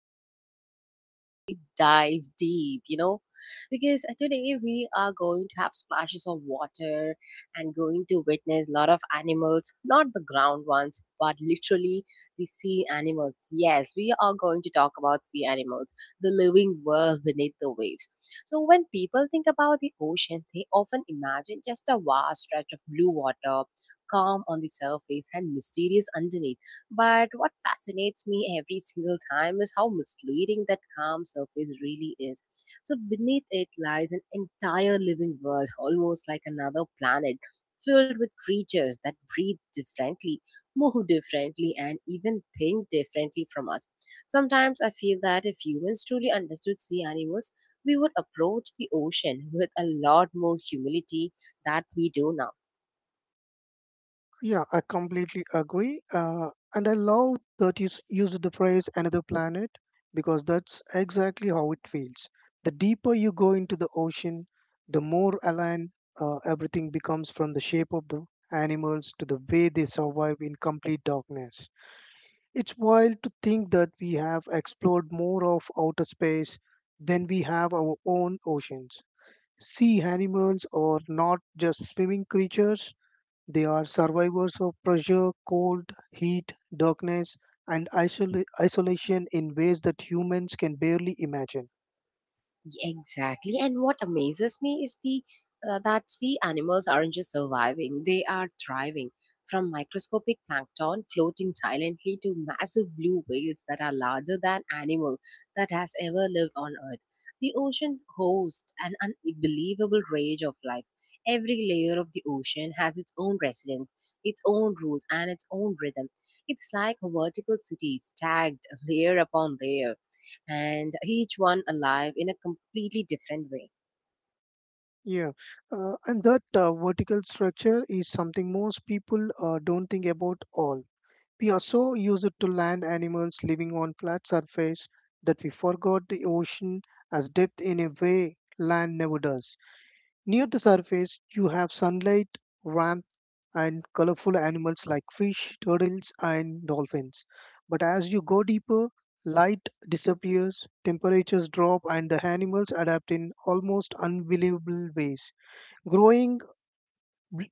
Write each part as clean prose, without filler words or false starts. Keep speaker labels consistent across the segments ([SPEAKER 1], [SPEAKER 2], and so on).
[SPEAKER 1] are going to literally dive deep, because today we are going to have splashes of water and going to witness a lot of animals, not the ground ones, but literally the sea animals. Yes, we are going to talk about sea animals, the living world beneath the waves. So, when people think about the ocean, they often imagine just a vast stretch of blue water calm on the surface and mysterious underneath. But what fascinates me every single time is how misleading that calm surface really is. So beneath it lies an entire living world, almost like another planet, filled with creatures that breathe differently, move differently, and even think differently from us. Sometimes I feel that if humans truly understood sea animals, we would approach the ocean with a lot more humility that we do now.
[SPEAKER 2] Yeah, I completely agree. And I love that used the phrase another planet because that's exactly how it feels. The deeper you go into the ocean, the more alien everything becomes, from the shape of the animals to the way they survive in complete darkness. It's wild to think that we have explored more of outer space than we have our own oceans. Sea animals are not just swimming creatures, they are survivors of pressure, cold, heat, darkness, and isolation in ways that humans can barely imagine.
[SPEAKER 1] Exactly. And what amazes me is the that sea animals aren't just surviving, they are thriving. From microscopic plankton floating silently to massive blue whales that are larger than animal that has ever lived on earth. The ocean hosts an unbelievable range of life. Every layer of the ocean has its own residence, its own rules and its own rhythm. It's like a vertical city stacked layer upon layer and each one alive in a completely different way.
[SPEAKER 2] Yeah, and that vertical structure is something most people don't think about all. We are so used to land animals living on flat surface that we forgot the ocean has depth in a way land never does. Near the surface, you have sunlight, warmth, and colorful animals like fish, turtles, and dolphins. But as you go deeper, light disappears, temperatures drop, and the animals adapt in almost unbelievable ways, growing bl-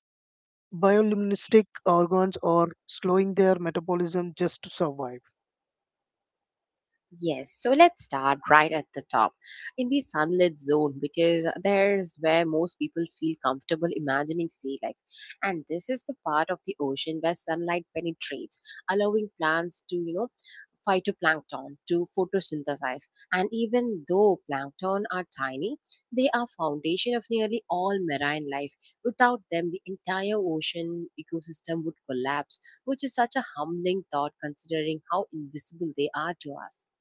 [SPEAKER 2] bioluminescent organs or slowing their metabolism just to survive.
[SPEAKER 1] Yes, so let's start right at the top in the sunlit zone because there's where most people feel comfortable imagining sea life. And this is the part of the ocean where sunlight penetrates, allowing plants to, you know, phytoplankton to photosynthesize. And even though plankton are tiny, they are foundation of nearly all marine life. Without them, the entire ocean ecosystem would collapse, which is such a humbling thought considering how invisible they are to us.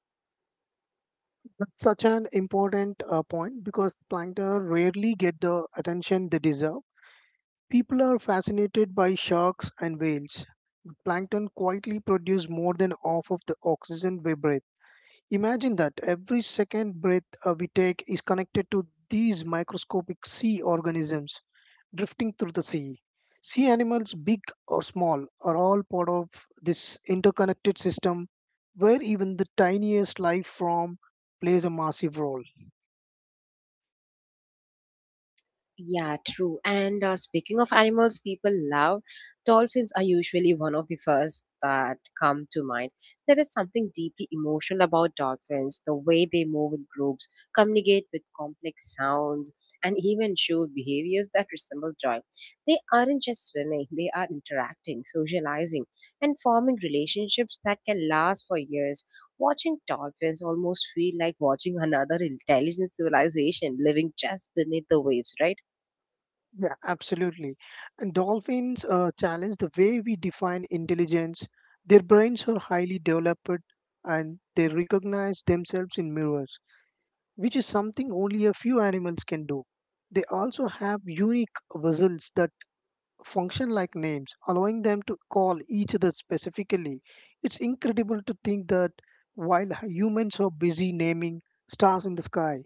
[SPEAKER 2] That's such an important point because plankton rarely get the attention they deserve. People are fascinated by sharks and whales. Plankton quietly produce more than half of the oxygen we breathe. Imagine that every second breath we take is connected to these microscopic sea organisms drifting through the sea. Sea animals, big or small, are all part of this interconnected system where even the tiniest life form plays a massive role.
[SPEAKER 1] Yeah, true. And speaking of animals people love, dolphins are usually one of the first that come to mind. There is something deeply emotional about dolphins, the way they move in groups, communicate with complex sounds, and even show behaviors that resemble joy. They aren't just swimming, they are interacting, socializing, and forming relationships that can last for years. Watching dolphins almost feel like watching another intelligent civilization living just beneath the waves, right?
[SPEAKER 2] Yeah, absolutely. And dolphins challenge the way we define intelligence. Their brains are highly developed, and they recognize themselves in mirrors, which is something only a few animals can do. They also have unique whistles that function like names, allowing them to call each other specifically. It's incredible to think that while humans are busy naming stars in the sky,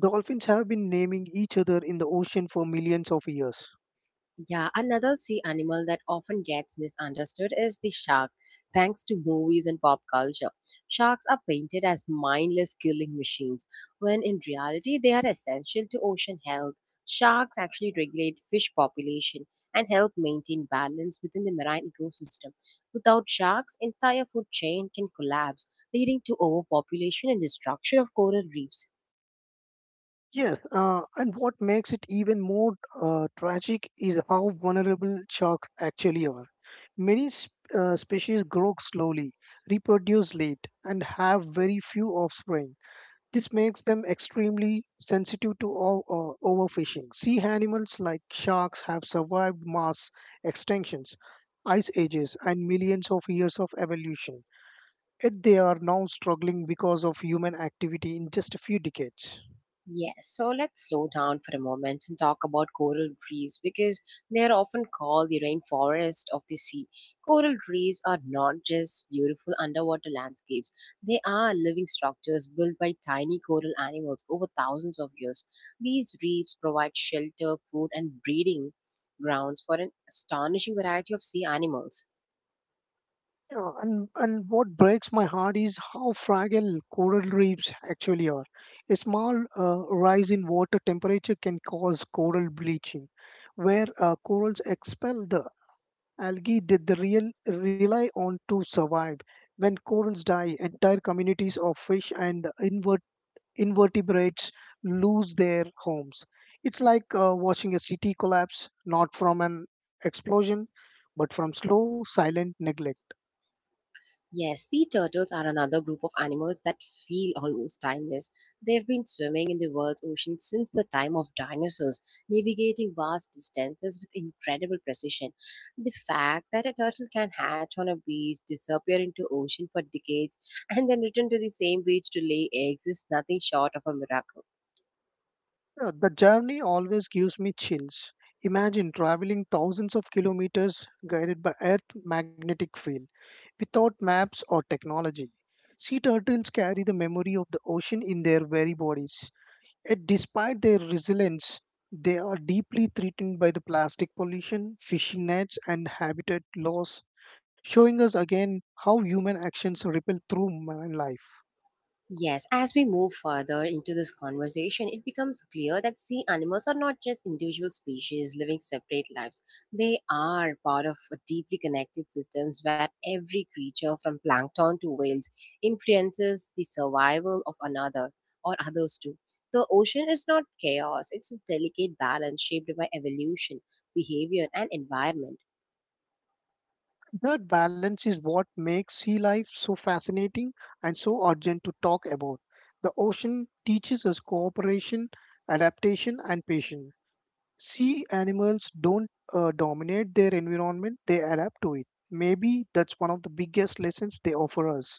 [SPEAKER 2] dolphins have been naming each other in the ocean for millions of years.
[SPEAKER 1] Yeah, another sea animal that often gets misunderstood is the shark, thanks to movies and pop culture. Sharks are painted as mindless killing machines, when in reality they are essential to ocean health. Sharks actually regulate fish population and help maintain balance within the marine ecosystem. Without sharks, entire food chain can collapse, leading to overpopulation and destruction of coral reefs.
[SPEAKER 2] Yes, and what makes it even more tragic is how vulnerable sharks actually are. Many species grow slowly, reproduce late, and have very few offspring. This makes them extremely sensitive to overfishing. Sea animals like sharks have survived mass extinctions, ice ages, and millions of years of evolution, yet they are now struggling because of human activity in just a few decades.
[SPEAKER 1] Yes, so let's slow down for a moment and talk about coral reefs because they are often called the rainforest of the sea. Coral reefs are not just beautiful underwater landscapes, they are living structures built by tiny coral animals over thousands of years. These reefs provide shelter, food, and breeding grounds for an astonishing variety of sea animals.
[SPEAKER 2] Yeah, and what breaks my heart is how fragile coral reefs actually are. A small rise in water temperature can cause coral bleaching, where corals expel the algae that they real, rely on to survive. When corals die, entire communities of fish and invertebrates lose their homes. It's like watching a city collapse, not from an explosion, but from slow, silent neglect.
[SPEAKER 1] Yes, sea turtles are another group of animals that feel almost timeless. They've been swimming in the world's oceans since the time of dinosaurs, navigating vast distances with incredible precision. The fact that a turtle can hatch on a beach, disappear into ocean for decades, and then return to the same beach to lay eggs is nothing short of a miracle.
[SPEAKER 2] Yeah, the journey always gives me chills. Imagine traveling thousands of kilometers guided by Earth magnetic field without maps or technology. Sea turtles carry the memory of the ocean in their very bodies. Yet despite their resilience, they are deeply threatened by the plastic pollution, fishing nets, and habitat loss, showing us again how human actions ripple through marine life.
[SPEAKER 1] Yes, as we move further into this conversation, it becomes clear that sea animals are not just individual species living separate lives. They are part of a deeply connected systems where every creature from plankton to whales influences the survival of another or others too. The ocean is not chaos, it's a delicate balance shaped by evolution, behavior, and environment.
[SPEAKER 2] That balance is what makes sea life so fascinating and so urgent to talk about. The ocean teaches us cooperation, adaptation, and patience. Sea animals don't dominate their environment, they adapt to it. Maybe that's one of the biggest lessons they offer us.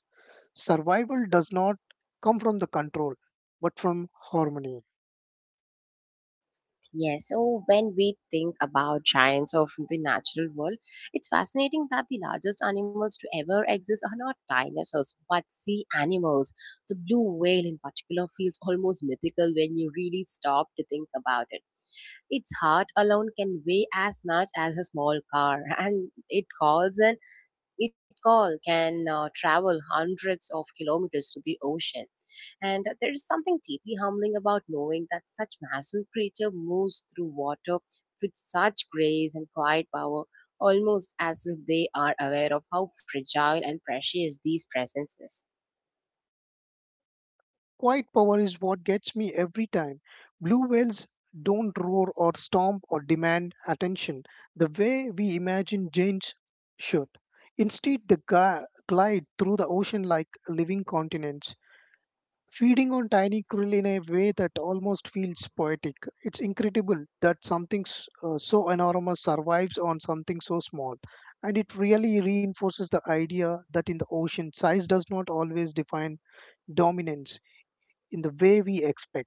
[SPEAKER 2] Survival does not come from the control, but from harmony.
[SPEAKER 1] Yes, so when we think about giants of the natural world, it's fascinating that the largest animals to ever exist are not dinosaurs but sea animals. The blue whale, in particular, feels almost mythical when you really stop to think about it. Its heart alone can weigh as much as a small car, and it call can travel hundreds of kilometers to the ocean. And there is something deeply humbling about knowing that such massive creature moves through water with such grace and quiet power, almost as if they are aware of how fragile and precious these presences.
[SPEAKER 2] Quiet power is what gets me every time. Blue whales don't roar or stomp or demand attention the way we imagine giants should. Instead, they glide through the ocean like living continents, feeding on tiny krill in a way that almost feels poetic. It's incredible that something so enormous survives on something so small. And it really reinforces the idea that in the ocean, size does not always define dominance in the way we expect.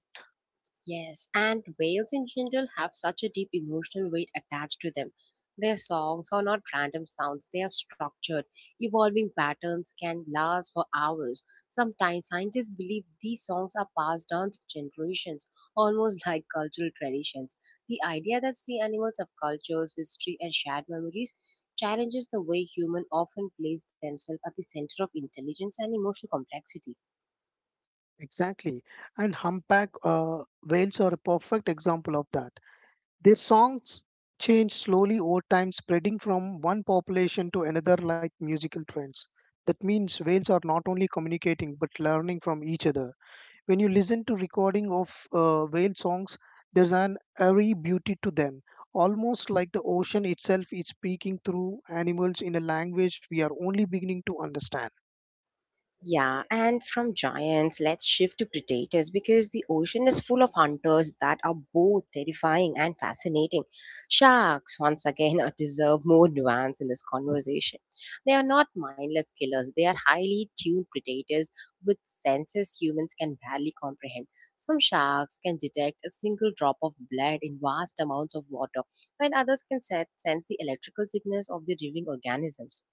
[SPEAKER 1] Yes, and whales in general have such a deep emotional weight attached to them. Their songs are not random sounds, they are structured. Evolving patterns can last for hours. Sometimes scientists believe these songs are passed down through generations, almost like cultural traditions. The idea that sea animals have cultures, history, and shared memories challenges the way humans often place themselves at the center of intelligence and emotional complexity.
[SPEAKER 2] Exactly. And Humpback Whales are a perfect example of that. Their songs change slowly over time, spreading from one population to another like musical trends. That means whales are not only communicating but learning from each other. When you listen to recording of whale songs, there's an airy beauty to them, almost like the ocean itself is speaking through animals in a language we are only beginning to understand.
[SPEAKER 1] Yeah, and from giants, let's shift to predators because the ocean is full of hunters that are both terrifying and fascinating. Sharks, once again, are deserve more nuance in this conversation. They are not mindless killers, they are highly tuned predators with senses humans can barely comprehend. Some sharks can detect a single drop of blood in vast amounts of water, while others can sense the electrical signals of the living organisms.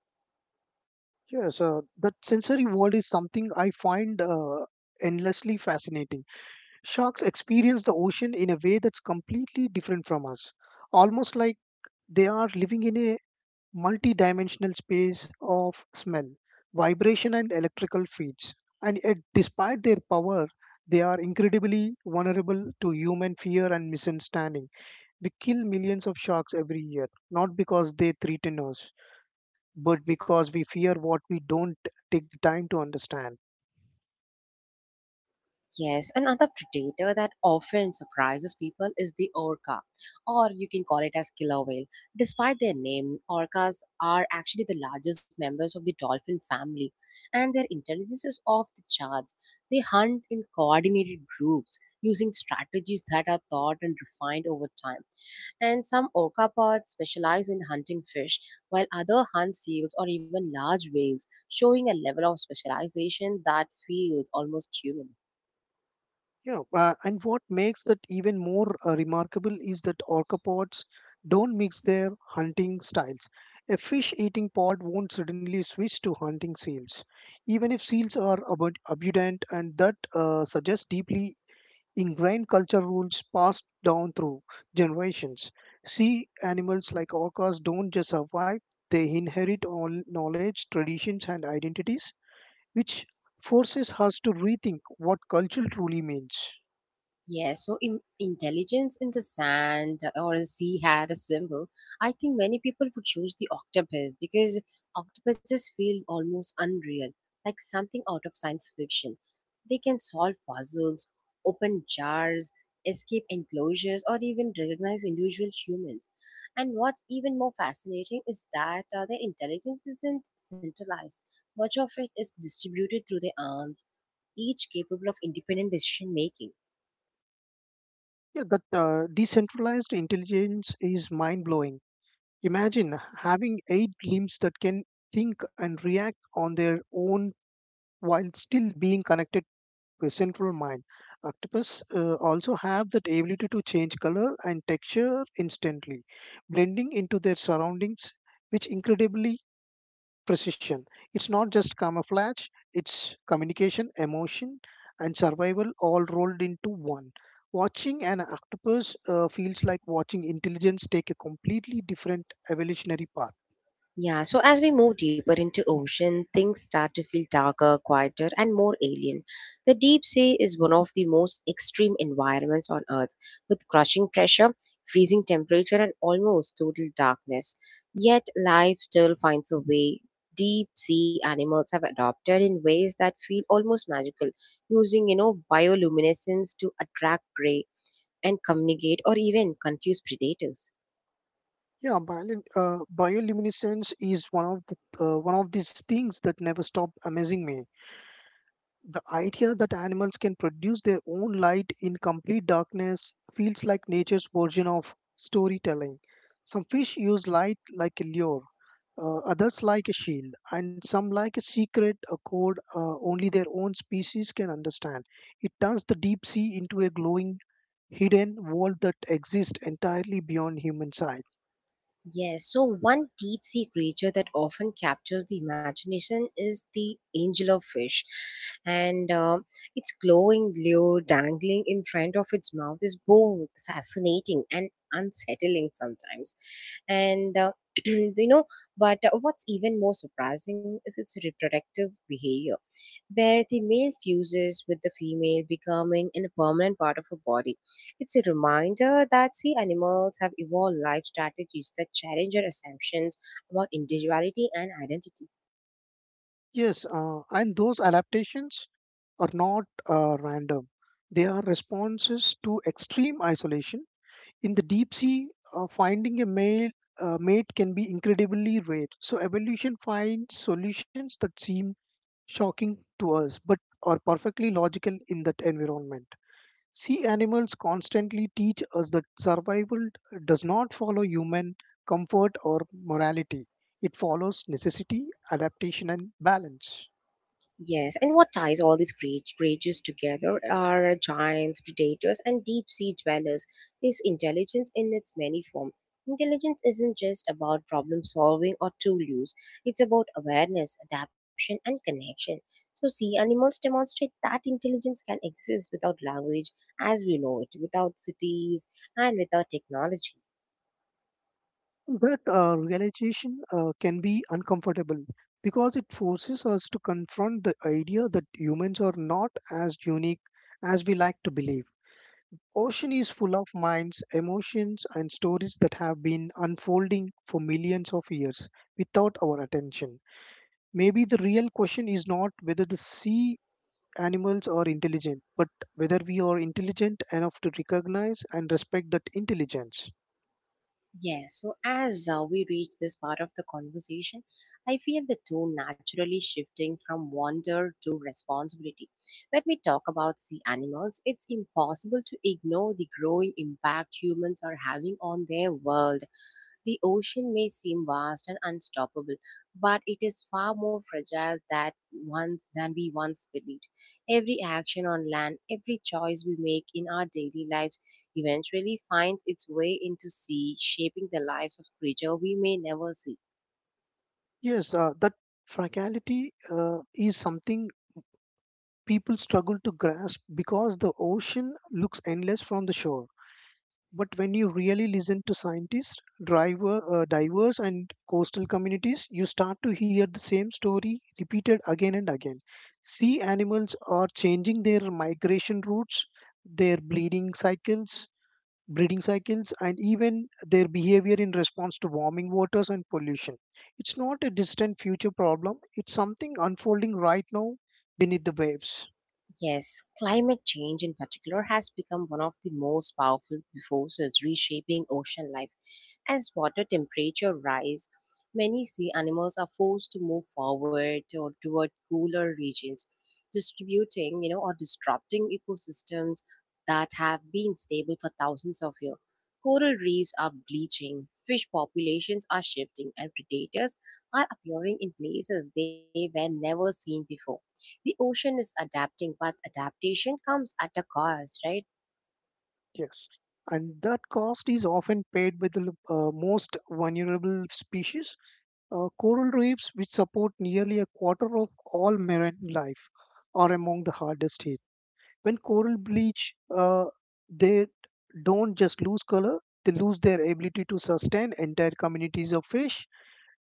[SPEAKER 2] Yes, that sensory world is something I find endlessly fascinating. Sharks experience the ocean in a way that's completely different from us, almost like they are living in a multi dimensional space of smell, vibration, and electrical fields. And yet, despite their power, they are incredibly vulnerable to human fear and misunderstanding. We kill millions of sharks every year, not because they threaten us, but because we fear what we don't take the time to understand.
[SPEAKER 1] Yes, another predator that often surprises people is the orca, or you can call it as killer whale. Despite their name, orcas are actually the largest members of the dolphin family, and their intelligence is off the charts. They hunt in coordinated groups using strategies that are thought and refined over time. And some orca pods specialize in hunting fish, while other hunt seals or even large whales, showing a level of specialization that feels almost human.
[SPEAKER 2] Yeah, and what makes that even more remarkable is that orcapods don't mix their hunting styles. A fish eating pod won't suddenly switch to hunting seals, even if seals are abundant, and that suggests deeply ingrained culture rules passed down through generations. Sea animals like orcas don't just survive, they inherit all knowledge, traditions, and identities, which forces us to rethink what culture truly means.
[SPEAKER 1] Yeah, so intelligence in the sand or a sea had a symbol. I think many people would choose the octopus because octopuses feel almost unreal, like something out of science fiction. They can solve puzzles, open jars, escape enclosures, or even recognize individual humans. And what's even more fascinating is that their intelligence isn't centralized, much of it is distributed through their arms, each capable of independent decision making.
[SPEAKER 2] Yeah, that decentralized intelligence is mind blowing. Imagine having eight limbs that can think and react on their own while still being connected to a central mind. Octopus also have that ability to change color and texture instantly, blending into their surroundings, which incredibly precision. It's not just camouflage, it's communication, emotion, and survival all rolled into one. Watching an octopus feels like watching intelligence take a completely different evolutionary path.
[SPEAKER 1] Yeah, so as we move deeper into ocean, things start to feel darker, quieter, and more alien. The deep sea is one of the most extreme environments on Earth, with crushing pressure, freezing temperature, and almost total darkness. Yet life still finds a way. Deep sea animals have adapted in ways that feel almost magical, using, bioluminescence to attract prey and communicate or even confuse predators.
[SPEAKER 2] Yeah, biolin bioluminescence is one of the one of these things that never stop amazing me. The idea that animals can produce their own light in complete darkness feels like nature's version of storytelling. Some fish use light like a lure, others like a shield, and some like a secret a code only their own species can understand. It turns the deep sea into a glowing, hidden world that exists entirely beyond human sight.
[SPEAKER 1] Yes, so one deep sea creature that often captures the imagination is the angel of fish. And its glowing lure dangling in front of its mouth is both fascinating and unsettling sometimes. And you know, but what's even more surprising is its reproductive behavior where the male fuses with the female, becoming a permanent part of her body. It's a reminder that sea animals have evolved life strategies that challenge our assumptions about individuality and identity.
[SPEAKER 2] Yes, and those adaptations are not random. They are responses to extreme isolation. In the deep sea, finding a male mate can be incredibly rare. So evolution finds solutions that seem shocking to us, but are perfectly logical in that environment. Sea animals constantly teach us that survival does not follow human comfort or morality. It follows necessity, adaptation, and balance.
[SPEAKER 1] Yes, and what ties all these great creatures together are giants, predators, and deep sea dwellers is intelligence in its many forms. Intelligence isn't just about problem solving or tool use, it's about awareness, adaptation, and connection. So, sea animals demonstrate that intelligence can exist without language as we know it, without cities, and without technology.
[SPEAKER 2] That realization can be uncomfortable because it forces us to confront the idea that humans are not as unique as we like to believe. Ocean is full of minds, emotions, and stories that have been unfolding for millions of years without our attention. Maybe the real question is not whether the sea animals are intelligent, but whether we are intelligent enough to recognize and respect that intelligence.
[SPEAKER 1] Yes, so as we reach this part of the conversation, I feel the tone naturally shifting from wonder to responsibility. When we talk about sea animals, it's impossible to ignore the growing impact humans are having on their world. The ocean may seem vast and unstoppable, but it is far more fragile that once than we once believed. Every action on land, every choice we make in our daily lives eventually finds its way into sea, shaping the lives of creatures we may never see.
[SPEAKER 2] Yes, that fragility is something people struggle to grasp because the ocean looks endless from the shore. But when you really listen to scientists, divers, and coastal communities, you start to hear the same story repeated again and again. Sea animals are changing their migration routes, their breeding cycles, breeding cycles, and even their behavior in response to warming waters and pollution. It's not a distant future problem, it's something unfolding right now beneath the waves.
[SPEAKER 1] Yes, climate change in particular has become one of the most powerful forces reshaping ocean life. As water temperature rise, many sea animals are forced to move forward or toward cooler regions, distributing, or disrupting ecosystems that have been stable for thousands of years. Coral reefs are bleaching, fish populations are shifting, and predators are appearing in places they were never seen before the ocean is adapting, but adaptation comes at a cost, right?
[SPEAKER 2] Yes. And that cost is often paid by the most vulnerable species. Coral reefs, which support nearly a quarter of all marine life, are among the hardest hit. When coral bleach, they don't just lose color, they lose their ability to sustain entire communities of fish,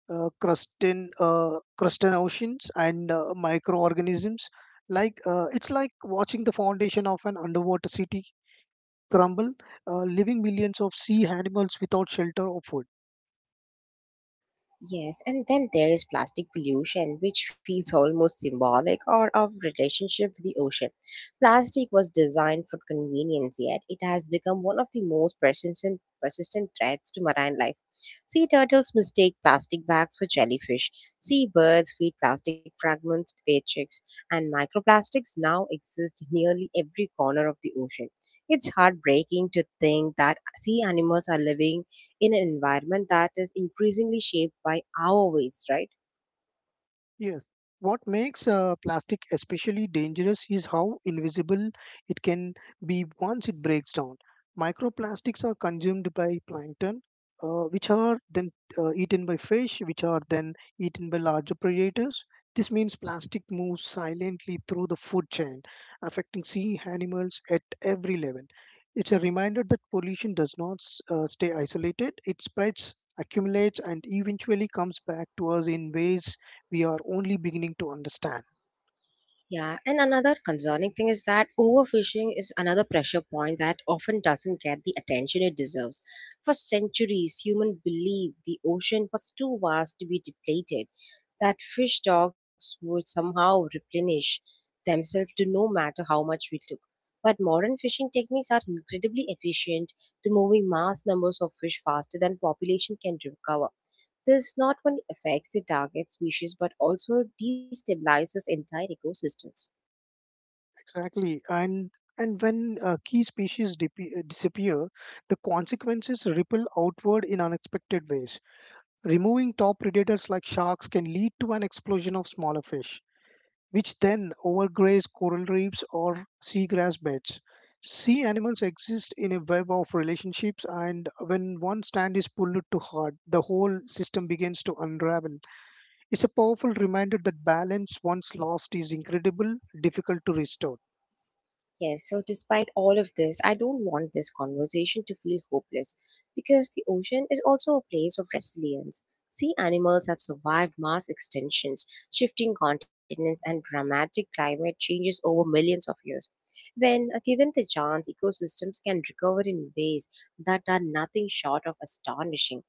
[SPEAKER 2] crustan crustaceans, and microorganisms. Like it's like watching the foundation of an underwater city crumble, leaving millions of sea animals without shelter or food.
[SPEAKER 1] Yes, and then there is plastic pollution, which feels almost symbolic or of relationship with the ocean. Plastic was designed for convenience, yet it has become one of the most persistent threats to marine life. Sea turtles mistake plastic bags for jellyfish. Seabirds feed plastic fragments to their chicks, and microplastics now exist nearly every corner of the ocean. It's heartbreaking to think that sea animals are living in an environment that is increasingly shaped by our ways, right?
[SPEAKER 2] Yes. What makes plastic especially dangerous is how invisible it can be once it breaks down. Microplastics are consumed by plankton, which are then eaten by fish, which are then eaten by larger predators. This means plastic moves silently through the food chain, affecting sea animals at every level. It's a reminder that pollution does not stay isolated, it spreads, accumulates, and eventually comes back to us in ways we are only beginning to understand.
[SPEAKER 1] Yeah, and another concerning thing is that overfishing is another pressure point that often doesn't get the attention it deserves. For centuries, humans believed the ocean was too vast to be depleted, that fish stocks would somehow replenish themselves to no matter how much we took. But modern fishing techniques are incredibly efficient to moving mass numbers of fish faster than population can recover. This not only affects the target species but also destabilizes entire ecosystems.
[SPEAKER 2] Exactly. And when key species disappear, the consequences ripple outward in unexpected ways. Removing top predators like sharks can lead to an explosion of smaller fish, which then overgraze coral reefs or seagrass beds. Sea animals exist in a web of relationships, and when one strand is pulled too hard, the whole system begins to unravel. It's a powerful reminder that balance once lost is incredible, difficult to restore.
[SPEAKER 1] Yes, so despite all of this, I don't want this conversation to feel hopeless because the ocean is also a place of resilience. Sea animals have survived mass extinctions, shifting continents, and dramatic climate changes over millions of years. When given the chance, ecosystems can recover in ways that are nothing short of astonishing.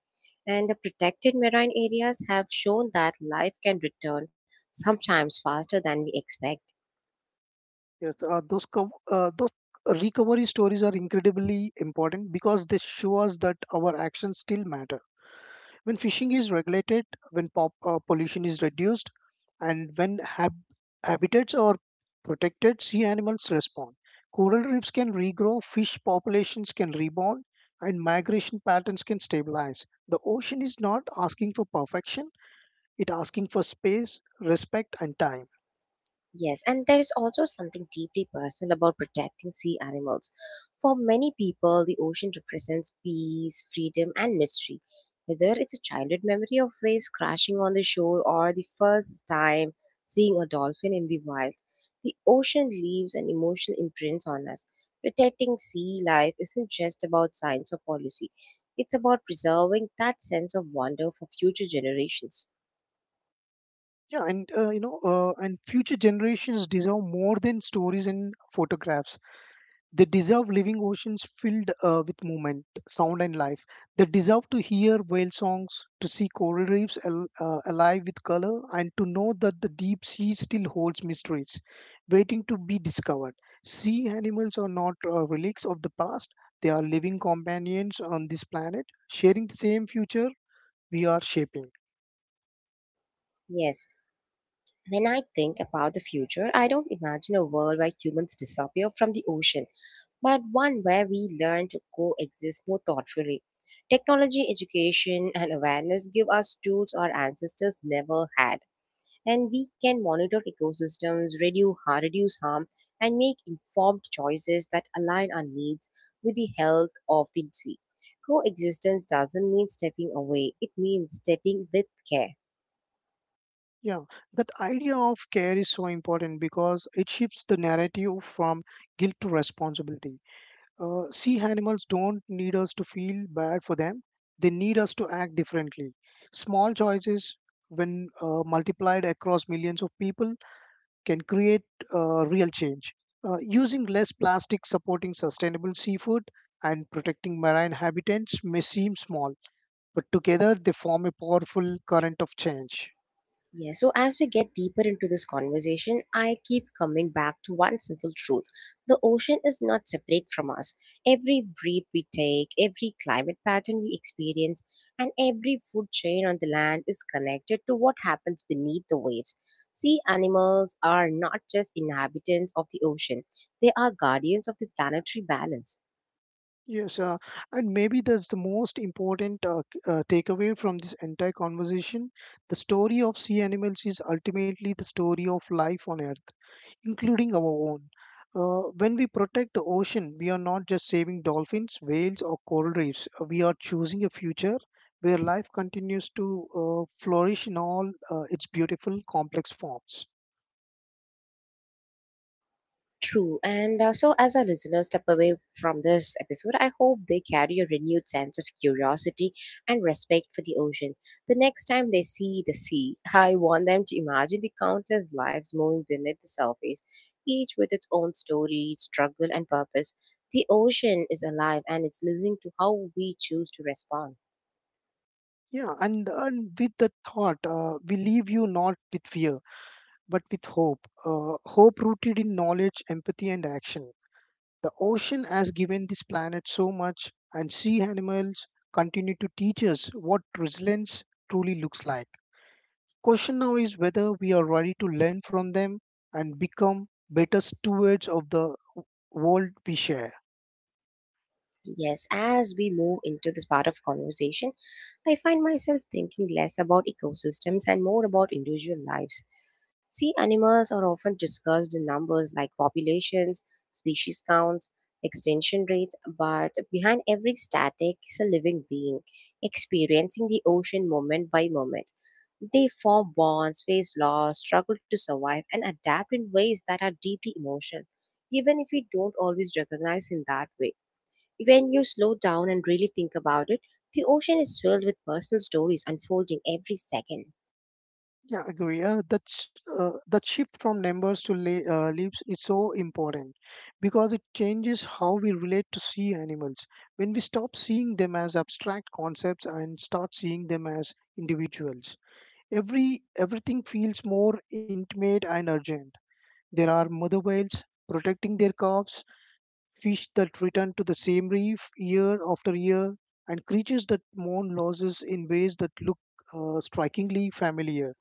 [SPEAKER 1] And the protected marine areas have shown that life can return sometimes faster than we expect.
[SPEAKER 2] Yes, those recovery stories are incredibly important because they show us that our actions still matter. When fishing is regulated, when pollution is reduced, and when habitats are protected, sea animals respond. Coral reefs can regrow, fish populations can rebound, and migration patterns can stabilize. The ocean is not asking for perfection; it asking for space, respect, and time.
[SPEAKER 1] Yes, and there is also something deeply personal about protecting sea animals. For many people, the ocean represents peace, freedom, and mystery. Whether it's a childhood memory of waves crashing on the shore or the first time seeing a dolphin in the wild, the ocean leaves an emotional imprint on us. Protecting sea life isn't just about science or policy, it's about preserving that sense of wonder for future generations.
[SPEAKER 2] And future generations deserve more than stories and photographs. They deserve living oceans filled with movement, sound, and life. They deserve to hear whale songs, to see coral reefs alive with color, and to know that the deep sea still holds mysteries waiting to be discovered. Sea animals are not relics of the past, they are living companions on this planet, sharing the same future we are shaping.
[SPEAKER 1] Yes, when I think about the future, I don't imagine a world where humans disappear from the ocean, but one where we learn to coexist more thoughtfully. Technology, education, and awareness give us tools our ancestors never had, and we can monitor ecosystems, reduce harm, and make informed choices that align our needs with the health of the sea. Coexistence doesn't mean stepping away, it means stepping with care.
[SPEAKER 2] Yeah, that idea of care is so important because it shifts the narrative from guilt to responsibility. See, animals don't need us to feel bad for them. They need us to act differently. Small choices, when multiplied across millions of people, can create real change. Using less plastic, supporting sustainable seafood, and protecting marine habitats may seem small, but together they form a powerful current of change.
[SPEAKER 1] Yeah, so as we get deeper into this conversation, I keep coming back to one simple truth. The ocean is not separate from us. Every breath we take, every climate pattern we experience, and every food chain on the land is connected to what happens beneath the waves. Sea animals are not just inhabitants of the ocean, they are guardians of the planetary balance.
[SPEAKER 2] Yes, uh, and maybe that's the most important takeaway from this entire conversation. The story of sea animals is ultimately the story of life on Earth, including our own. When we protect the ocean, we are not just saving dolphins, whales, or coral reefs. We are choosing a future where life continues to flourish in all its beautiful, complex forms.
[SPEAKER 1] True. And so, as our listeners step away from this episode, I hope they carry a renewed sense of curiosity and respect for the ocean. The next time they see the sea, I want them to imagine the countless lives moving beneath the surface, each with its own story, struggle, and purpose. The ocean is alive and it's listening to how we choose to respond.
[SPEAKER 2] And with that thought, we leave you not with fear but with hope. Hope rooted in knowledge, empathy, and action. The ocean has given this planet so much, and sea animals continue to teach us what resilience truly looks like. Question now is whether we are ready to learn from them and become better stewards of the world we share.
[SPEAKER 1] Yes, as we move into this part of conversation, I find myself thinking less about ecosystems and more about individual lives. See, animals are often discussed in numbers like populations, species counts, extinction rates, but behind every static is a living being experiencing the ocean moment by moment. They form bonds, face loss, struggle to survive, and adapt in ways that are deeply emotional, even if we don't always recognize in that way. When you slow down and really think about it, the ocean is filled with personal stories unfolding every second.
[SPEAKER 2] Yeah, agree. That shift from numbers to la leaves is so important because it changes how we relate to sea animals. When we stop seeing them as abstract concepts and start seeing them as individuals, everything feels more intimate and urgent. There are mother whales protecting their calves, fish that return to the same reef year after year, and creatures that mourn losses in ways that look strikingly familiar.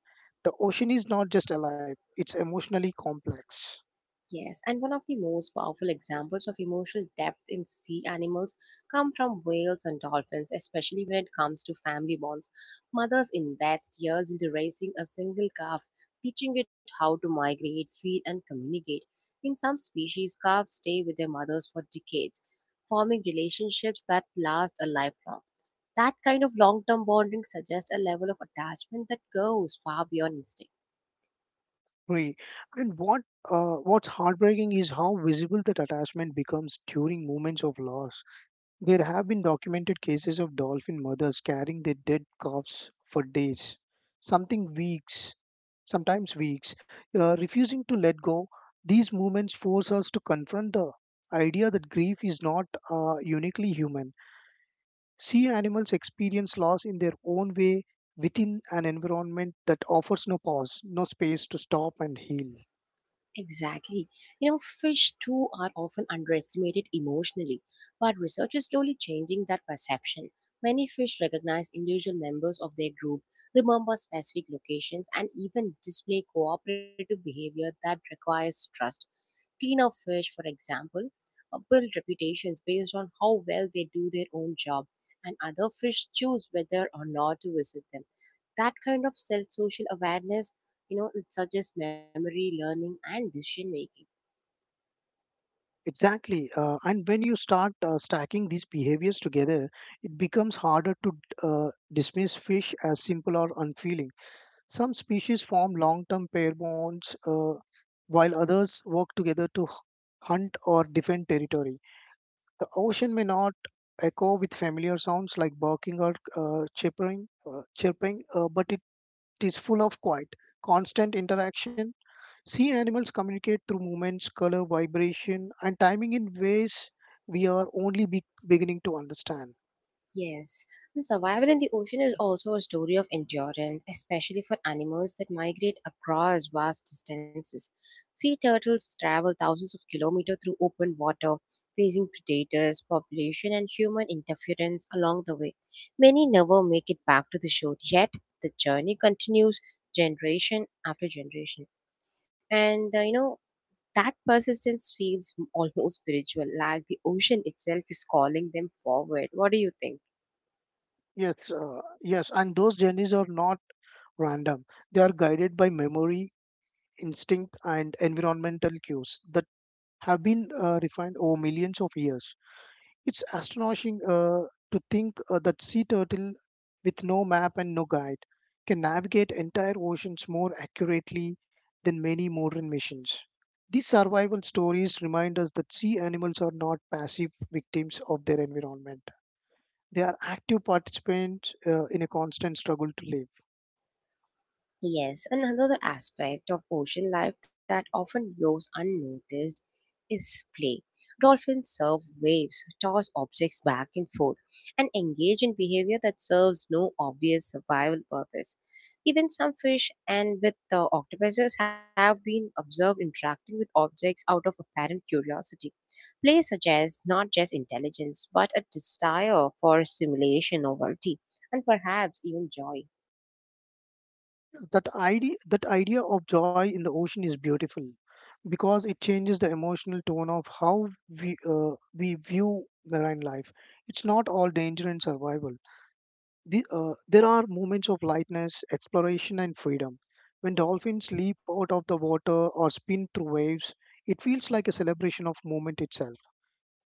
[SPEAKER 2] The ocean is not just alive; it's emotionally complex.
[SPEAKER 1] Yes, and one of the most powerful examples of emotional depth in sea animals come from whales and dolphins, especially when it comes to family bonds. Mothers invest years into raising a single calf, teaching it how to migrate, feed, and communicate. In some species, calves stay with their mothers for decades, forming relationships that last a lifetime. That kind of long term bonding suggests a level of attachment that goes far beyond instinct.
[SPEAKER 2] Right. And what what's heartbreaking is how visible that attachment becomes during moments of loss. There have been documented cases of dolphin mothers carrying their dead calves for days, something weeks, sometimes weeks, refusing to let go. These movements force us to confront the idea that grief is not uniquely human. Sea animals experience loss in their own way within an environment that offers no pause, no space to stop and heal.
[SPEAKER 1] Exactly. You know, fish too are often underestimated emotionally, but research is slowly changing that perception. Many fish recognize individual members of their group, remember specific locations, and even display cooperative behavior that requires trust. Cleaner fish, for example, build reputations based on how well they do their own job, and other fish choose whether or not to visit them. That kind of self social awareness, you know, it suggests memory, learning, and decision making.
[SPEAKER 2] Exactly. And when you start stacking these behaviors together, it becomes harder to dismiss fish as simple or unfeeling. Some species form long term pair bonds, while others work together to hunt or defend territory. The ocean may not echo with familiar sounds like barking or chirping but it is full of quiet, constant interaction. Sea animals communicate through movements, color, vibration, and timing in ways we are only beginning to understand.
[SPEAKER 1] Yes, and survival in the ocean is also a story of endurance, especially for animals that migrate across vast distances. Sea turtles travel thousands of kilometers through open water, facing predators, population, and human interference along the way. Many never make it back to the shore, yet the journey continues generation after generation. And uh, you know, That persistence feels almost spiritual, like the ocean itself is calling them forward. What do you think?
[SPEAKER 2] Yes, and those journeys are not random. They are guided by memory, instinct, and environmental cues that have been refined over millions of years. It's astonishing to think that sea turtle with no map and no guide can navigate entire oceans more accurately than many modern missions. These survival stories remind us that sea animals are not passive victims of their environment. They are active participants in a constant struggle to live.
[SPEAKER 1] Yes, another aspect of ocean life that often goes unnoticed is play. Dolphins surf waves, toss objects back and forth, and engage in behavior that serves no obvious survival purpose. Even some fish and with the octopuses have been observed interacting with objects out of apparent curiosity. Play suggests not just intelligence, but a desire for stimulation, novelty, and perhaps even joy.
[SPEAKER 2] That idea of joy in the ocean is beautiful because it changes the emotional tone of how we uh, we view marine life. It's not all danger and survival. There are moments of lightness exploration and freedom. When dolphins leap out of the water or spin through waves, it feels like a celebration of moment itself.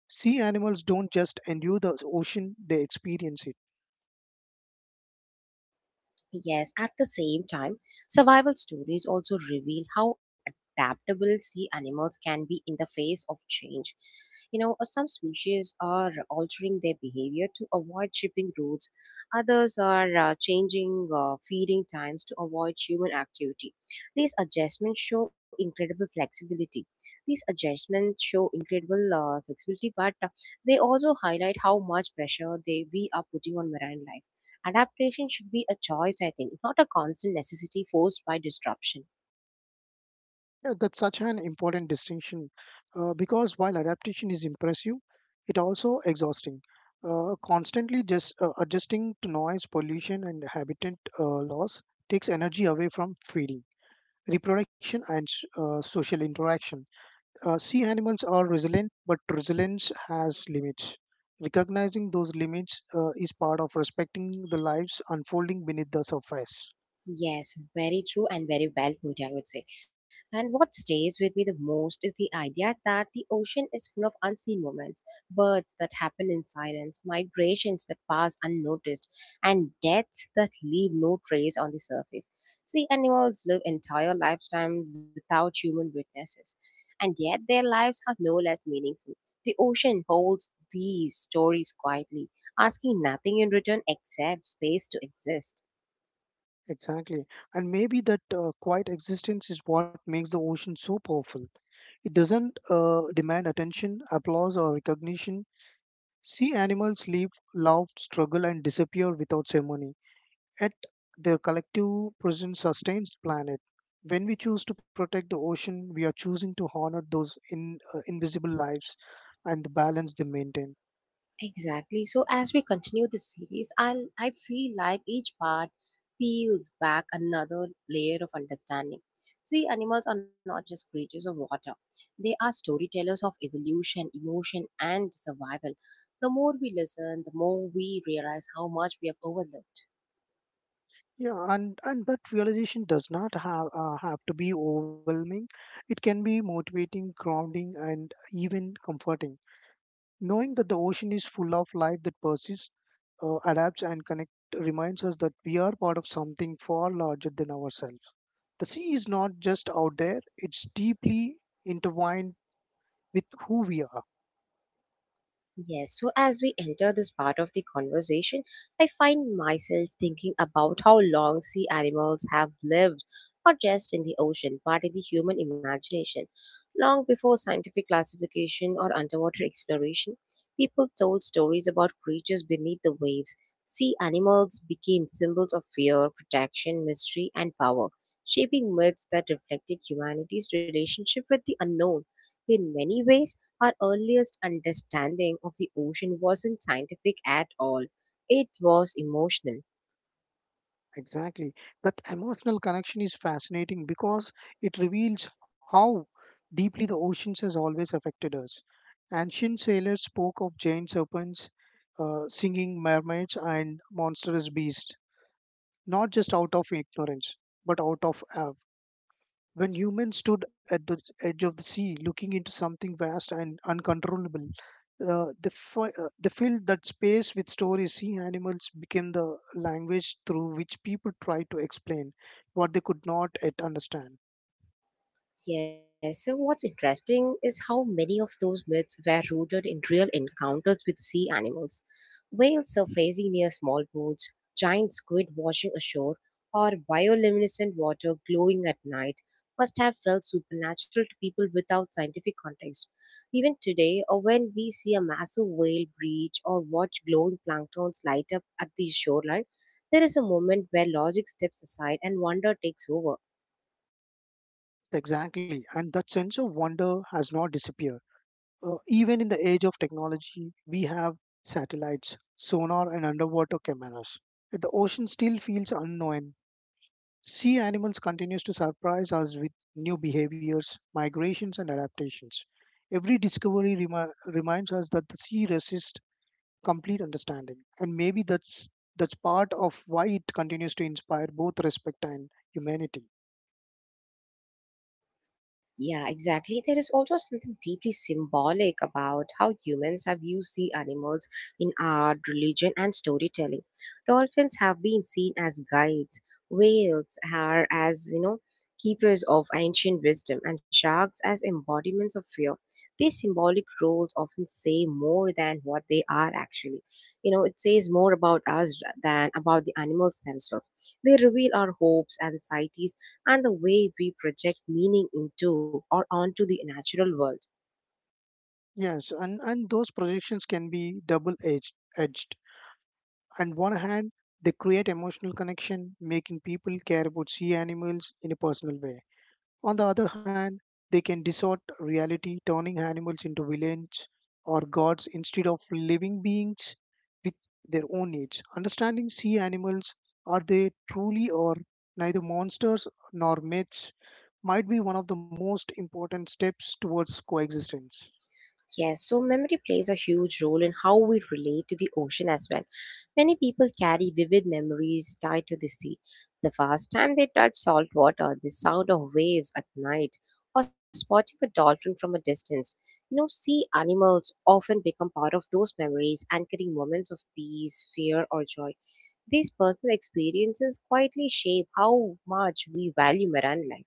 [SPEAKER 2] Sea animals don't just endure the ocean, they experience it.
[SPEAKER 1] Yes, at the same time, survival stories also reveal how adaptable sea animals can be in the face of change. Some species are altering their behavior to avoid shipping routes, others are changing feeding times to avoid human activity. These adjustments show incredible flexibility. These adjustments show incredible flexibility, but they also highlight how much pressure they we are putting on marine life. Adaptation should be a choice, I think, not a constant necessity forced by disruption.
[SPEAKER 2] Yeah, that's such an important distinction because while adaptation is impressive, it also exhausting. Constantly just adjusting to noise, pollution, and habitat loss takes energy away from feeding, reproduction, and social interaction. Sea animals are resilient, but resilience has limits. Recognizing those limits is part of respecting the lives unfolding beneath the surface.
[SPEAKER 1] Yes, very true and very well put, I would say. And what stays with me the most is the idea that the ocean is full of unseen moments, birds that happen in silence, migrations that pass unnoticed, and deaths that leave no trace on the surface. See, animals live entire lifetimes without human witnesses, and yet their lives are no less meaningful. The ocean holds these stories quietly, asking nothing in return except space to exist.
[SPEAKER 2] Exactly. And maybe that quiet existence is what makes the ocean so powerful. It doesn't demand attention, applause, or recognition. Sea animals live, love, struggle, and disappear without ceremony. Yet their collective presence sustains the planet. When we choose to protect the ocean, we are choosing to honor those invisible lives and the balance they maintain.
[SPEAKER 1] Exactly. So as we continue the series, I feel like each part peels back another layer of understanding. See, animals are not just creatures of water. They are storytellers of evolution, emotion, and survival. The more we listen, the more we realize how much we have overlooked.
[SPEAKER 2] And that realization does not have to be overwhelming. It can be motivating, grounding, and even comforting. Knowing that the ocean is full of life that persists, adapts, and connect reminds us that we are part of something far larger than ourselves. The sea is not just out there; it's deeply intertwined with who we are.
[SPEAKER 1] Yes, so as we enter this part of the conversation, I find myself thinking about how long sea animals have lived, not just in the ocean, but in the human imagination. Long before scientific classification or underwater exploration, people told stories about creatures beneath the waves. Sea animals became symbols of fear, protection, mystery, and power, shaping myths that reflected humanity's relationship with the unknown. In many ways, our earliest understanding of the ocean wasn't scientific at all, it was emotional.
[SPEAKER 2] Exactly. That emotional connection is fascinating because it reveals how deeply the oceans has always affected us. Ancient sailors spoke of giant serpents, singing mermaids, and monstrous beasts, not just out of ignorance, but out of awe. When humans stood at the edge of the sea, looking into something vast and uncontrollable, they filled that space with stories. Sea animals became the language through which people tried to explain what they could not yet understand.
[SPEAKER 1] Yes, so what's interesting is how many of those myths were rooted in real encounters with sea animals. Whales surfacing near small boats, giant squid washing ashore, or bioluminescent water glowing at night must have felt supernatural to people without scientific context. Even today, or when we see a massive whale breach or watch glowing planktons light up at the shoreline, there is a moment where logic steps aside and wonder takes over.
[SPEAKER 2] Exactly, and that sense of wonder has not disappeared. Even in the age of technology, we have satellites, sonar, and underwater cameras. Yet the ocean still feels unknown. Sea animals continues to surprise us with new behaviors, migrations, and adaptations. Every discovery reminds us that the sea resists complete understanding, and maybe that's part of why it continues to inspire both respect and humanity.
[SPEAKER 1] Yeah, exactly. There is also something deeply symbolic about how humans have used sea animals in art, religion, and storytelling. Dolphins have been seen as guides, whales are as, you know, keepers of ancient wisdom, and sharks as embodiments of fear. These symbolic roles often say more than what they are actually. You know, it says more about us than about the animals themselves. They reveal our hopes, anxieties, and the way we project meaning into or onto the natural world.
[SPEAKER 2] Yes, and those projections can be double edged. On one hand, they create emotional connection, making people care about sea animals in a personal way. On the other hand, they can distort reality, turning animals into villains or gods instead of living beings with their own needs. Understanding sea animals, are they truly or neither monsters nor myths, might be one of the most important steps towards coexistence.
[SPEAKER 1] Yes, so memory plays a huge role in how we relate to the ocean as well. Many people carry vivid memories tied to the sea. The first time they touch salt water, the sound of waves at night, or spotting a dolphin from a distance. You know, sea animals often become part of those memories, anchoring moments of peace, fear, or joy. These personal experiences quietly shape how much we value marine life.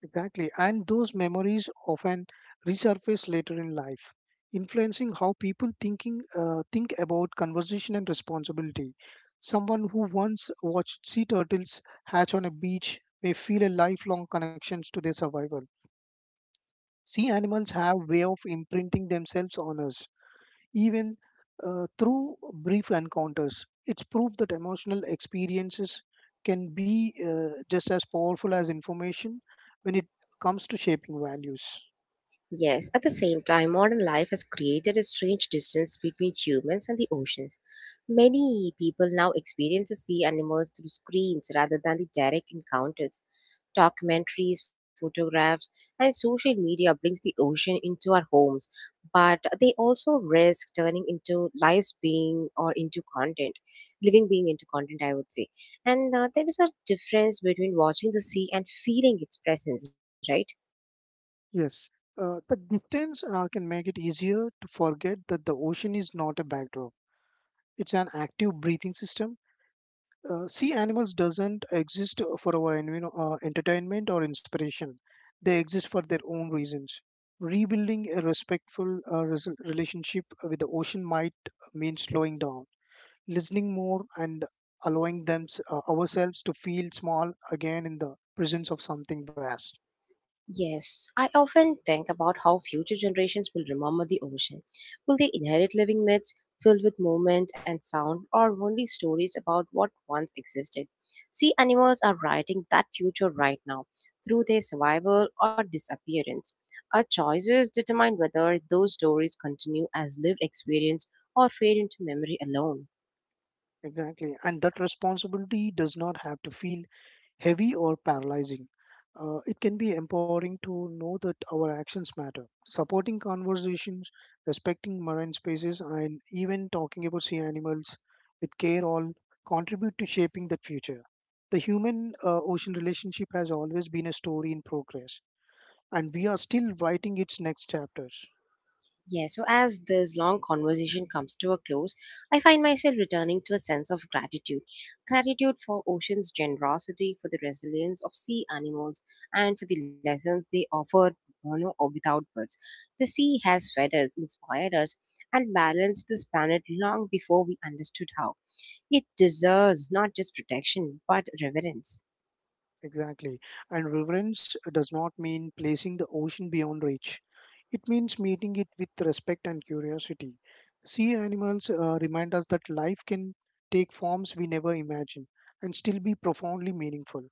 [SPEAKER 2] Exactly. And those memories often resurface later in life, influencing how people think about conversation and responsibility. Someone who once watched sea turtles hatch on a beach may feel a lifelong connections to their survival. Sea animals have way of imprinting themselves on us, even through brief encounters. It's proof that emotional experiences can be just as powerful as information when it comes to shaping values.
[SPEAKER 1] Yes, at the same time, modern life has created a strange distance between humans and the oceans. Many people now experience the sea animals through screens rather than the direct encounters. Documentaries, photographs, and social media brings the ocean into our homes, but they also risk turning into lives being or into content, living being into content, I would say. And there is a difference between watching the sea and feeling its presence, right?
[SPEAKER 2] Yes, the distance can make it easier to forget that the ocean is not a backdrop, it's an active breathing system. Sea animals doesn't exist for our entertainment or inspiration, they exist for their own reasons. Rebuilding a respectful relationship with the ocean might mean slowing down, listening more, and allowing them ourselves to feel small again in the presence of something vast.
[SPEAKER 1] Yes, I often think about how future generations will remember the ocean. Will they inherit living myths filled with movement and sound, or only stories about what once existed? Sea animals are writing that future right now through their survival or disappearance. Our choices determine whether those stories continue as lived experience or fade into memory alone.
[SPEAKER 2] Exactly. And that responsibility does not have to feel heavy or paralyzing. It can be empowering to know that our actions matter. Supporting conversations, respecting marine spaces, and even talking about sea animals with care all contribute to shaping the future. The human ocean relationship has always been a story in progress, and we are still writing its next chapters.
[SPEAKER 1] Yeah, so as this long conversation comes to a close, I find myself returning to a sense of gratitude. Gratitude for ocean's generosity, for the resilience of sea animals, and for the lessons they offer, you know, or without words. The sea has fed us, inspired us, and balanced this planet long before we understood how. It deserves not just protection, but reverence.
[SPEAKER 2] Exactly. And reverence does not mean placing the ocean beyond reach. It means meeting it with respect and curiosity. Sea animals remind us that life can take forms we never imagined and still be profoundly meaningful.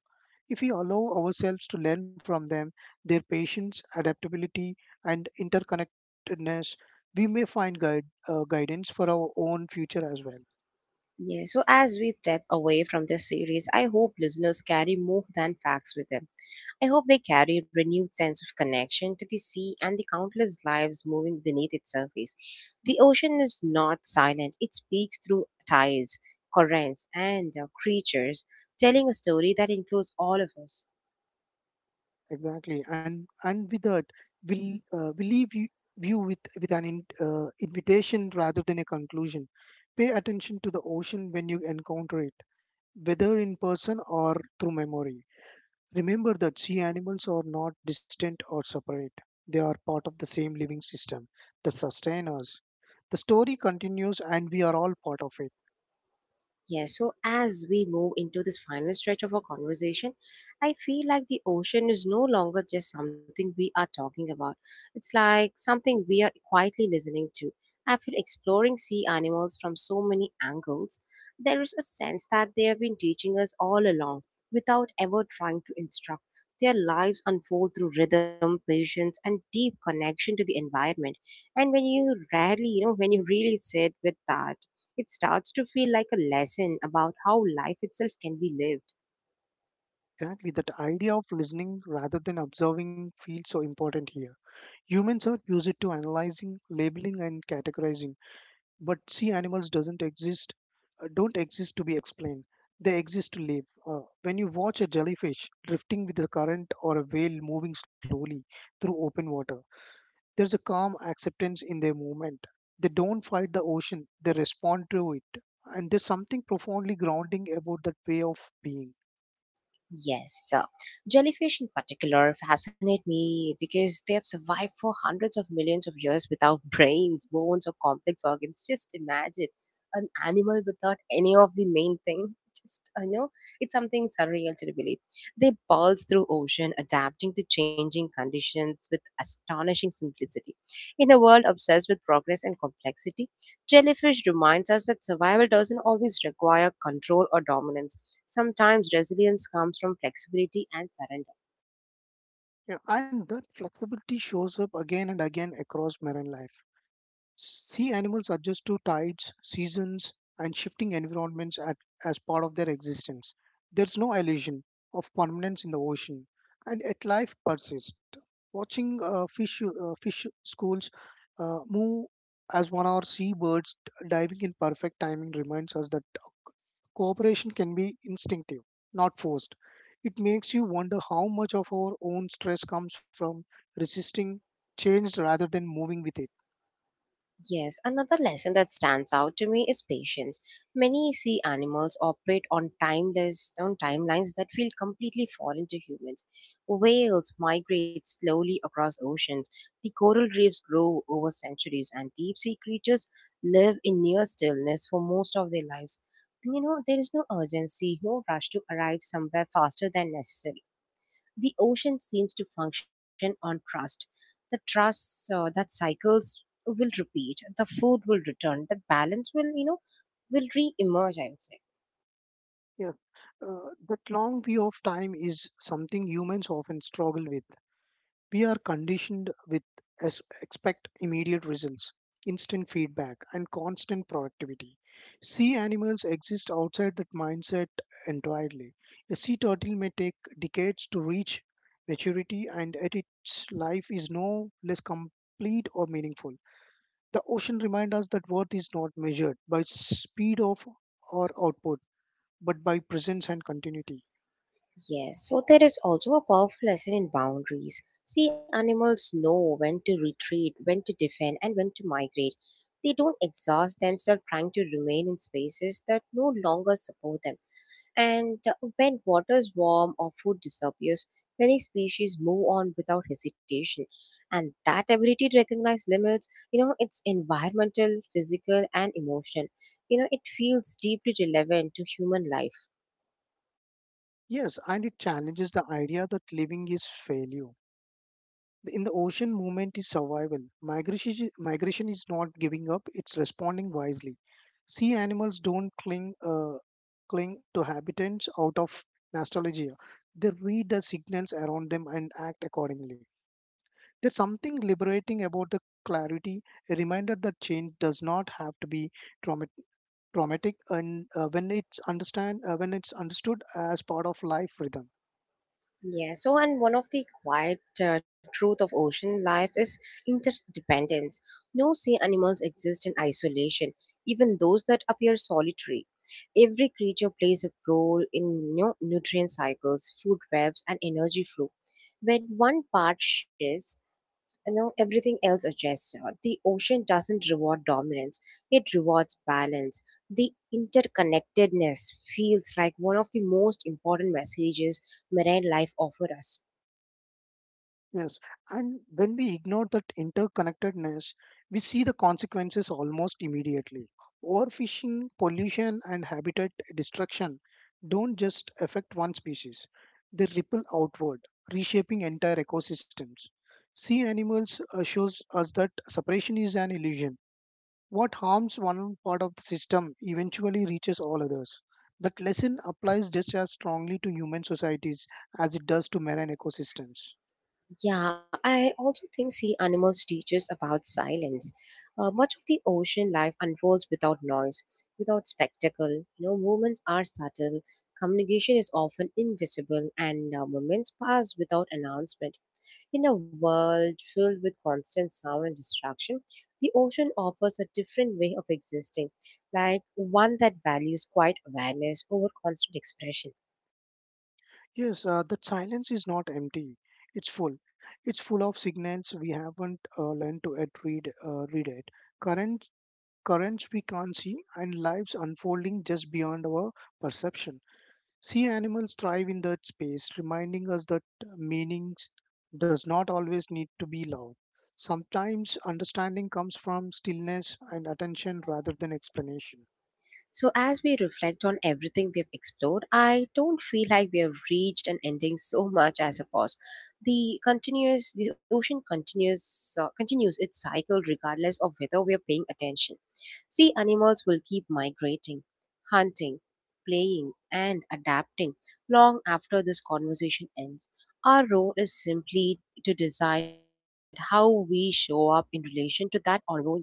[SPEAKER 2] If we allow ourselves to learn from them, their patience, adaptability, and interconnectedness, we may find guidance for our own future as well.
[SPEAKER 1] Yeah, so as we step away from this series, I hope listeners carry more than facts with them. I hope they carry a renewed sense of connection to the sea and the countless lives moving beneath its surface. The ocean is not silent, it speaks through tides, currents, and creatures, telling a story that includes all of us.
[SPEAKER 2] Exactly, and with that, we leave you with an invitation rather than a conclusion. Pay attention to the ocean when you encounter it, whether in person or through memory. Remember that sea animals are not distant or separate; they are part of the same living system that sustain us. The story continues, and we are all part of it.
[SPEAKER 1] Yeah, so as we move into this final stretch of our conversation, I feel like the ocean is no longer just something we are talking about. It's like something we are quietly listening to. After exploring sea animals from so many angles, there is a sense that they have been teaching us all along without ever trying to instruct. Their lives unfold through rhythm, patience, and deep connection to the environment. And when you rarely, when you really sit with that, it starts to feel like a lesson about how life itself can be lived.
[SPEAKER 2] Exactly, that idea of listening rather than observing feels so important here. Humans are used to analyzing, labeling, and categorizing, but sea animals doesn't exist, don't exist to be explained. They exist to live. When you watch a jellyfish drifting with the current or a whale moving slowly through open water, there's a calm acceptance in their movement. They don't fight the ocean; they respond to it, and there's something profoundly grounding about that way of being.
[SPEAKER 1] Yes, jellyfish in particular fascinate me because they have survived for hundreds of millions of years without brains, bones, or complex organs. Just imagine an animal without any of the main thing. Just, it's something surreal to believe. They pulse through ocean, adapting to changing conditions with astonishing simplicity. In a world obsessed with progress and complexity, jellyfish reminds us that survival doesn't always require control or dominance. Sometimes resilience comes from flexibility and surrender.
[SPEAKER 2] Yeah, and that flexibility shows up again and again across marine life. Sea animals adjust to tides, seasons, and shifting environments at, as part of their existence. There's no illusion of permanence in the ocean, and yet life persists. Watching fish, fish schools move as one or seabirds diving in perfect timing reminds us that cooperation can be instinctive, not forced. It makes you wonder how much of our own stress comes from resisting change rather than moving with it.
[SPEAKER 1] Yes, another lesson that stands out to me is patience. Many sea animals operate on timeless on timelines that feel completely foreign to humans. Whales migrate slowly across oceans. The coral reefs grow over centuries, and deep sea creatures live in near stillness for most of their lives. You know, there is no urgency, no rush to arrive somewhere faster than necessary. The ocean seems to function on trust. The trust that cycles will repeat, the food will return, that balance will, will re-emerge, I would say.
[SPEAKER 2] Yeah, that long view of time is something humans often struggle with. We are conditioned with as expect immediate results, instant feedback, and constant productivity. Sea animals exist outside that mindset entirely. A sea turtle may take decades to reach maturity, and yet its life is no less complete or meaningful. The ocean reminds us that worth is not measured by speed of or output but by presence and continuity.
[SPEAKER 1] Yes, so there is also a powerful lesson in boundaries. See, animals know when to retreat, when to defend, and when to migrate. They don't exhaust themselves trying to remain in spaces that no longer support them. And When water is warm or food disappears, many species move on without hesitation. And that ability to recognize limits, it's environmental, physical, and emotional. You know, it feels deeply relevant to human life.
[SPEAKER 2] Yes, and it challenges the idea that living is failure. In the ocean, movement is survival. Migration is not giving up; it's responding wisely. Sea animals don't cling to habitats out of nostalgia. They read the signals around them and act accordingly. There's something liberating about the clarity, a reminder that change does not have to be traumatic traumatic and when it's understood as part of life rhythm.
[SPEAKER 1] Yeah, so and one of the quiet truth of ocean life is interdependence. No sea animals exist in isolation, even those that appear solitary. Every creature plays a role in nutrient cycles, food webs, and energy flow. When one part shifts, you know everything else adjusts. The ocean doesn't reward dominance; it rewards balance. The interconnectedness feels like one of the most important messages marine life offers us.
[SPEAKER 2] Yes, and when we ignore that interconnectedness, we see the consequences almost immediately. Overfishing, pollution, and habitat destruction don't just affect one species; they ripple outward, reshaping entire ecosystems. Sea animals shows us that separation is an illusion. What harms one part of the system eventually reaches all others. That lesson applies just as strongly to human societies as it does to marine ecosystems.
[SPEAKER 1] Yeah, I also think sea animals teach us about silence. Much of the ocean life unfolds without noise, without spectacle. You know, movements are subtle, communication is often invisible, and moments pass without announcement. In a world filled with constant sound and distraction, the ocean offers a different way of existing, like one that values quiet awareness over constant expression.
[SPEAKER 2] Yes, that silence is not empty. It's full. It's full of signals we haven't learned to at read read it. Current currents we can't see, and lives unfolding just beyond our perception. Sea animals thrive in that space, reminding us that meaning does not always need to be loud. Sometimes understanding comes from stillness and attention rather than explanation.
[SPEAKER 1] So, as we reflect on everything we have explored, I don't feel like we have reached an ending so much as a pause. The ocean continues its cycle regardless of whether we are paying attention. Sea animals will keep migrating, hunting, playing, and adapting long after this conversation ends. Our role is simply to decide how we show up in relation to that ongoing life.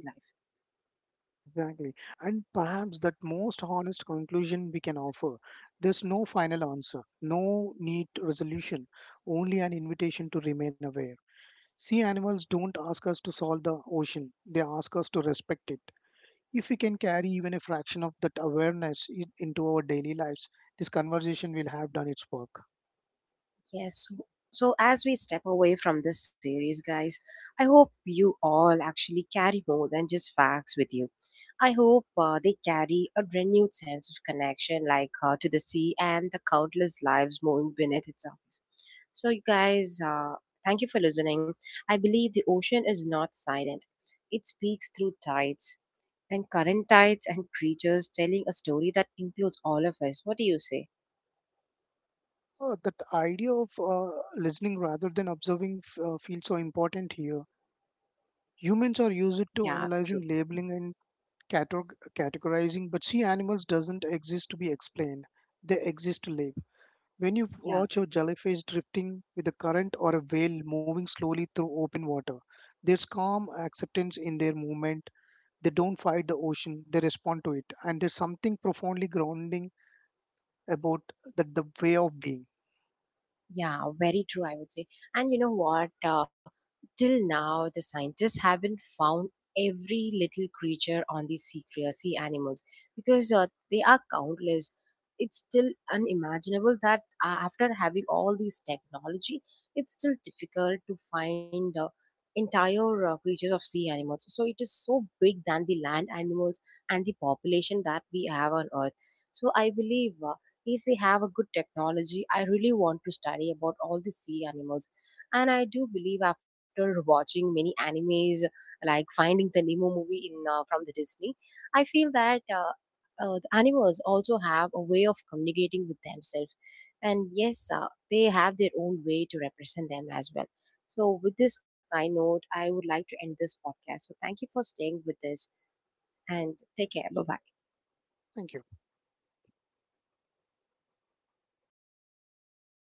[SPEAKER 2] Exactly. And perhaps that most honest conclusion we can offer. There's no final answer, no neat resolution, only an invitation to remain aware. Sea animals don't ask us to solve the ocean, they ask us to respect it. If we can carry even a fraction of that awareness in, into our daily lives, this conversation will have done its work.
[SPEAKER 1] Yes. So as we step away from this series, guys, I hope you all actually carry more than just facts with you. I hope they carry a renewed sense of connection, like to the sea and the countless lives moving beneath its surface. So, you guys, thank you for listening. I believe the ocean is not silent, it speaks through tides and creatures telling a story that includes all of us. What do you say?
[SPEAKER 2] That idea of listening rather than observing feels so important here. Humans are
[SPEAKER 1] Yeah,
[SPEAKER 2] used
[SPEAKER 1] true.
[SPEAKER 2] to analyzing, labeling, and categorizing, but see, animals doesn't exist to be explained. They exist to live. When you
[SPEAKER 1] Yeah.
[SPEAKER 2] watch a jellyfish drifting with a current or a whale moving slowly through open water, there's calm acceptance in their movement. They don't fight the ocean, they respond to it. And there's something profoundly grounding about that the way of being.
[SPEAKER 1] Yeah, very true, I would say. And you know what? Till now, the scientists haven't found every little creature on these sea animals because they are countless. It's still unimaginable that after having all these technology, it's still difficult to find entire creatures of sea animals. So it is so big than the land animals and the population that we have on Earth. So I believe. If we have a good technology, I really want to study about all the sea animals, and I do believe after watching many animes like Finding the Nemo movie in from the Disney, I feel that the animals also have a way of communicating with themselves. And yes, they have their own way to represent them as well. So with this kind note, I would like to end this podcast. So thank you for staying with this, and take care, bye bye.
[SPEAKER 2] Thank you.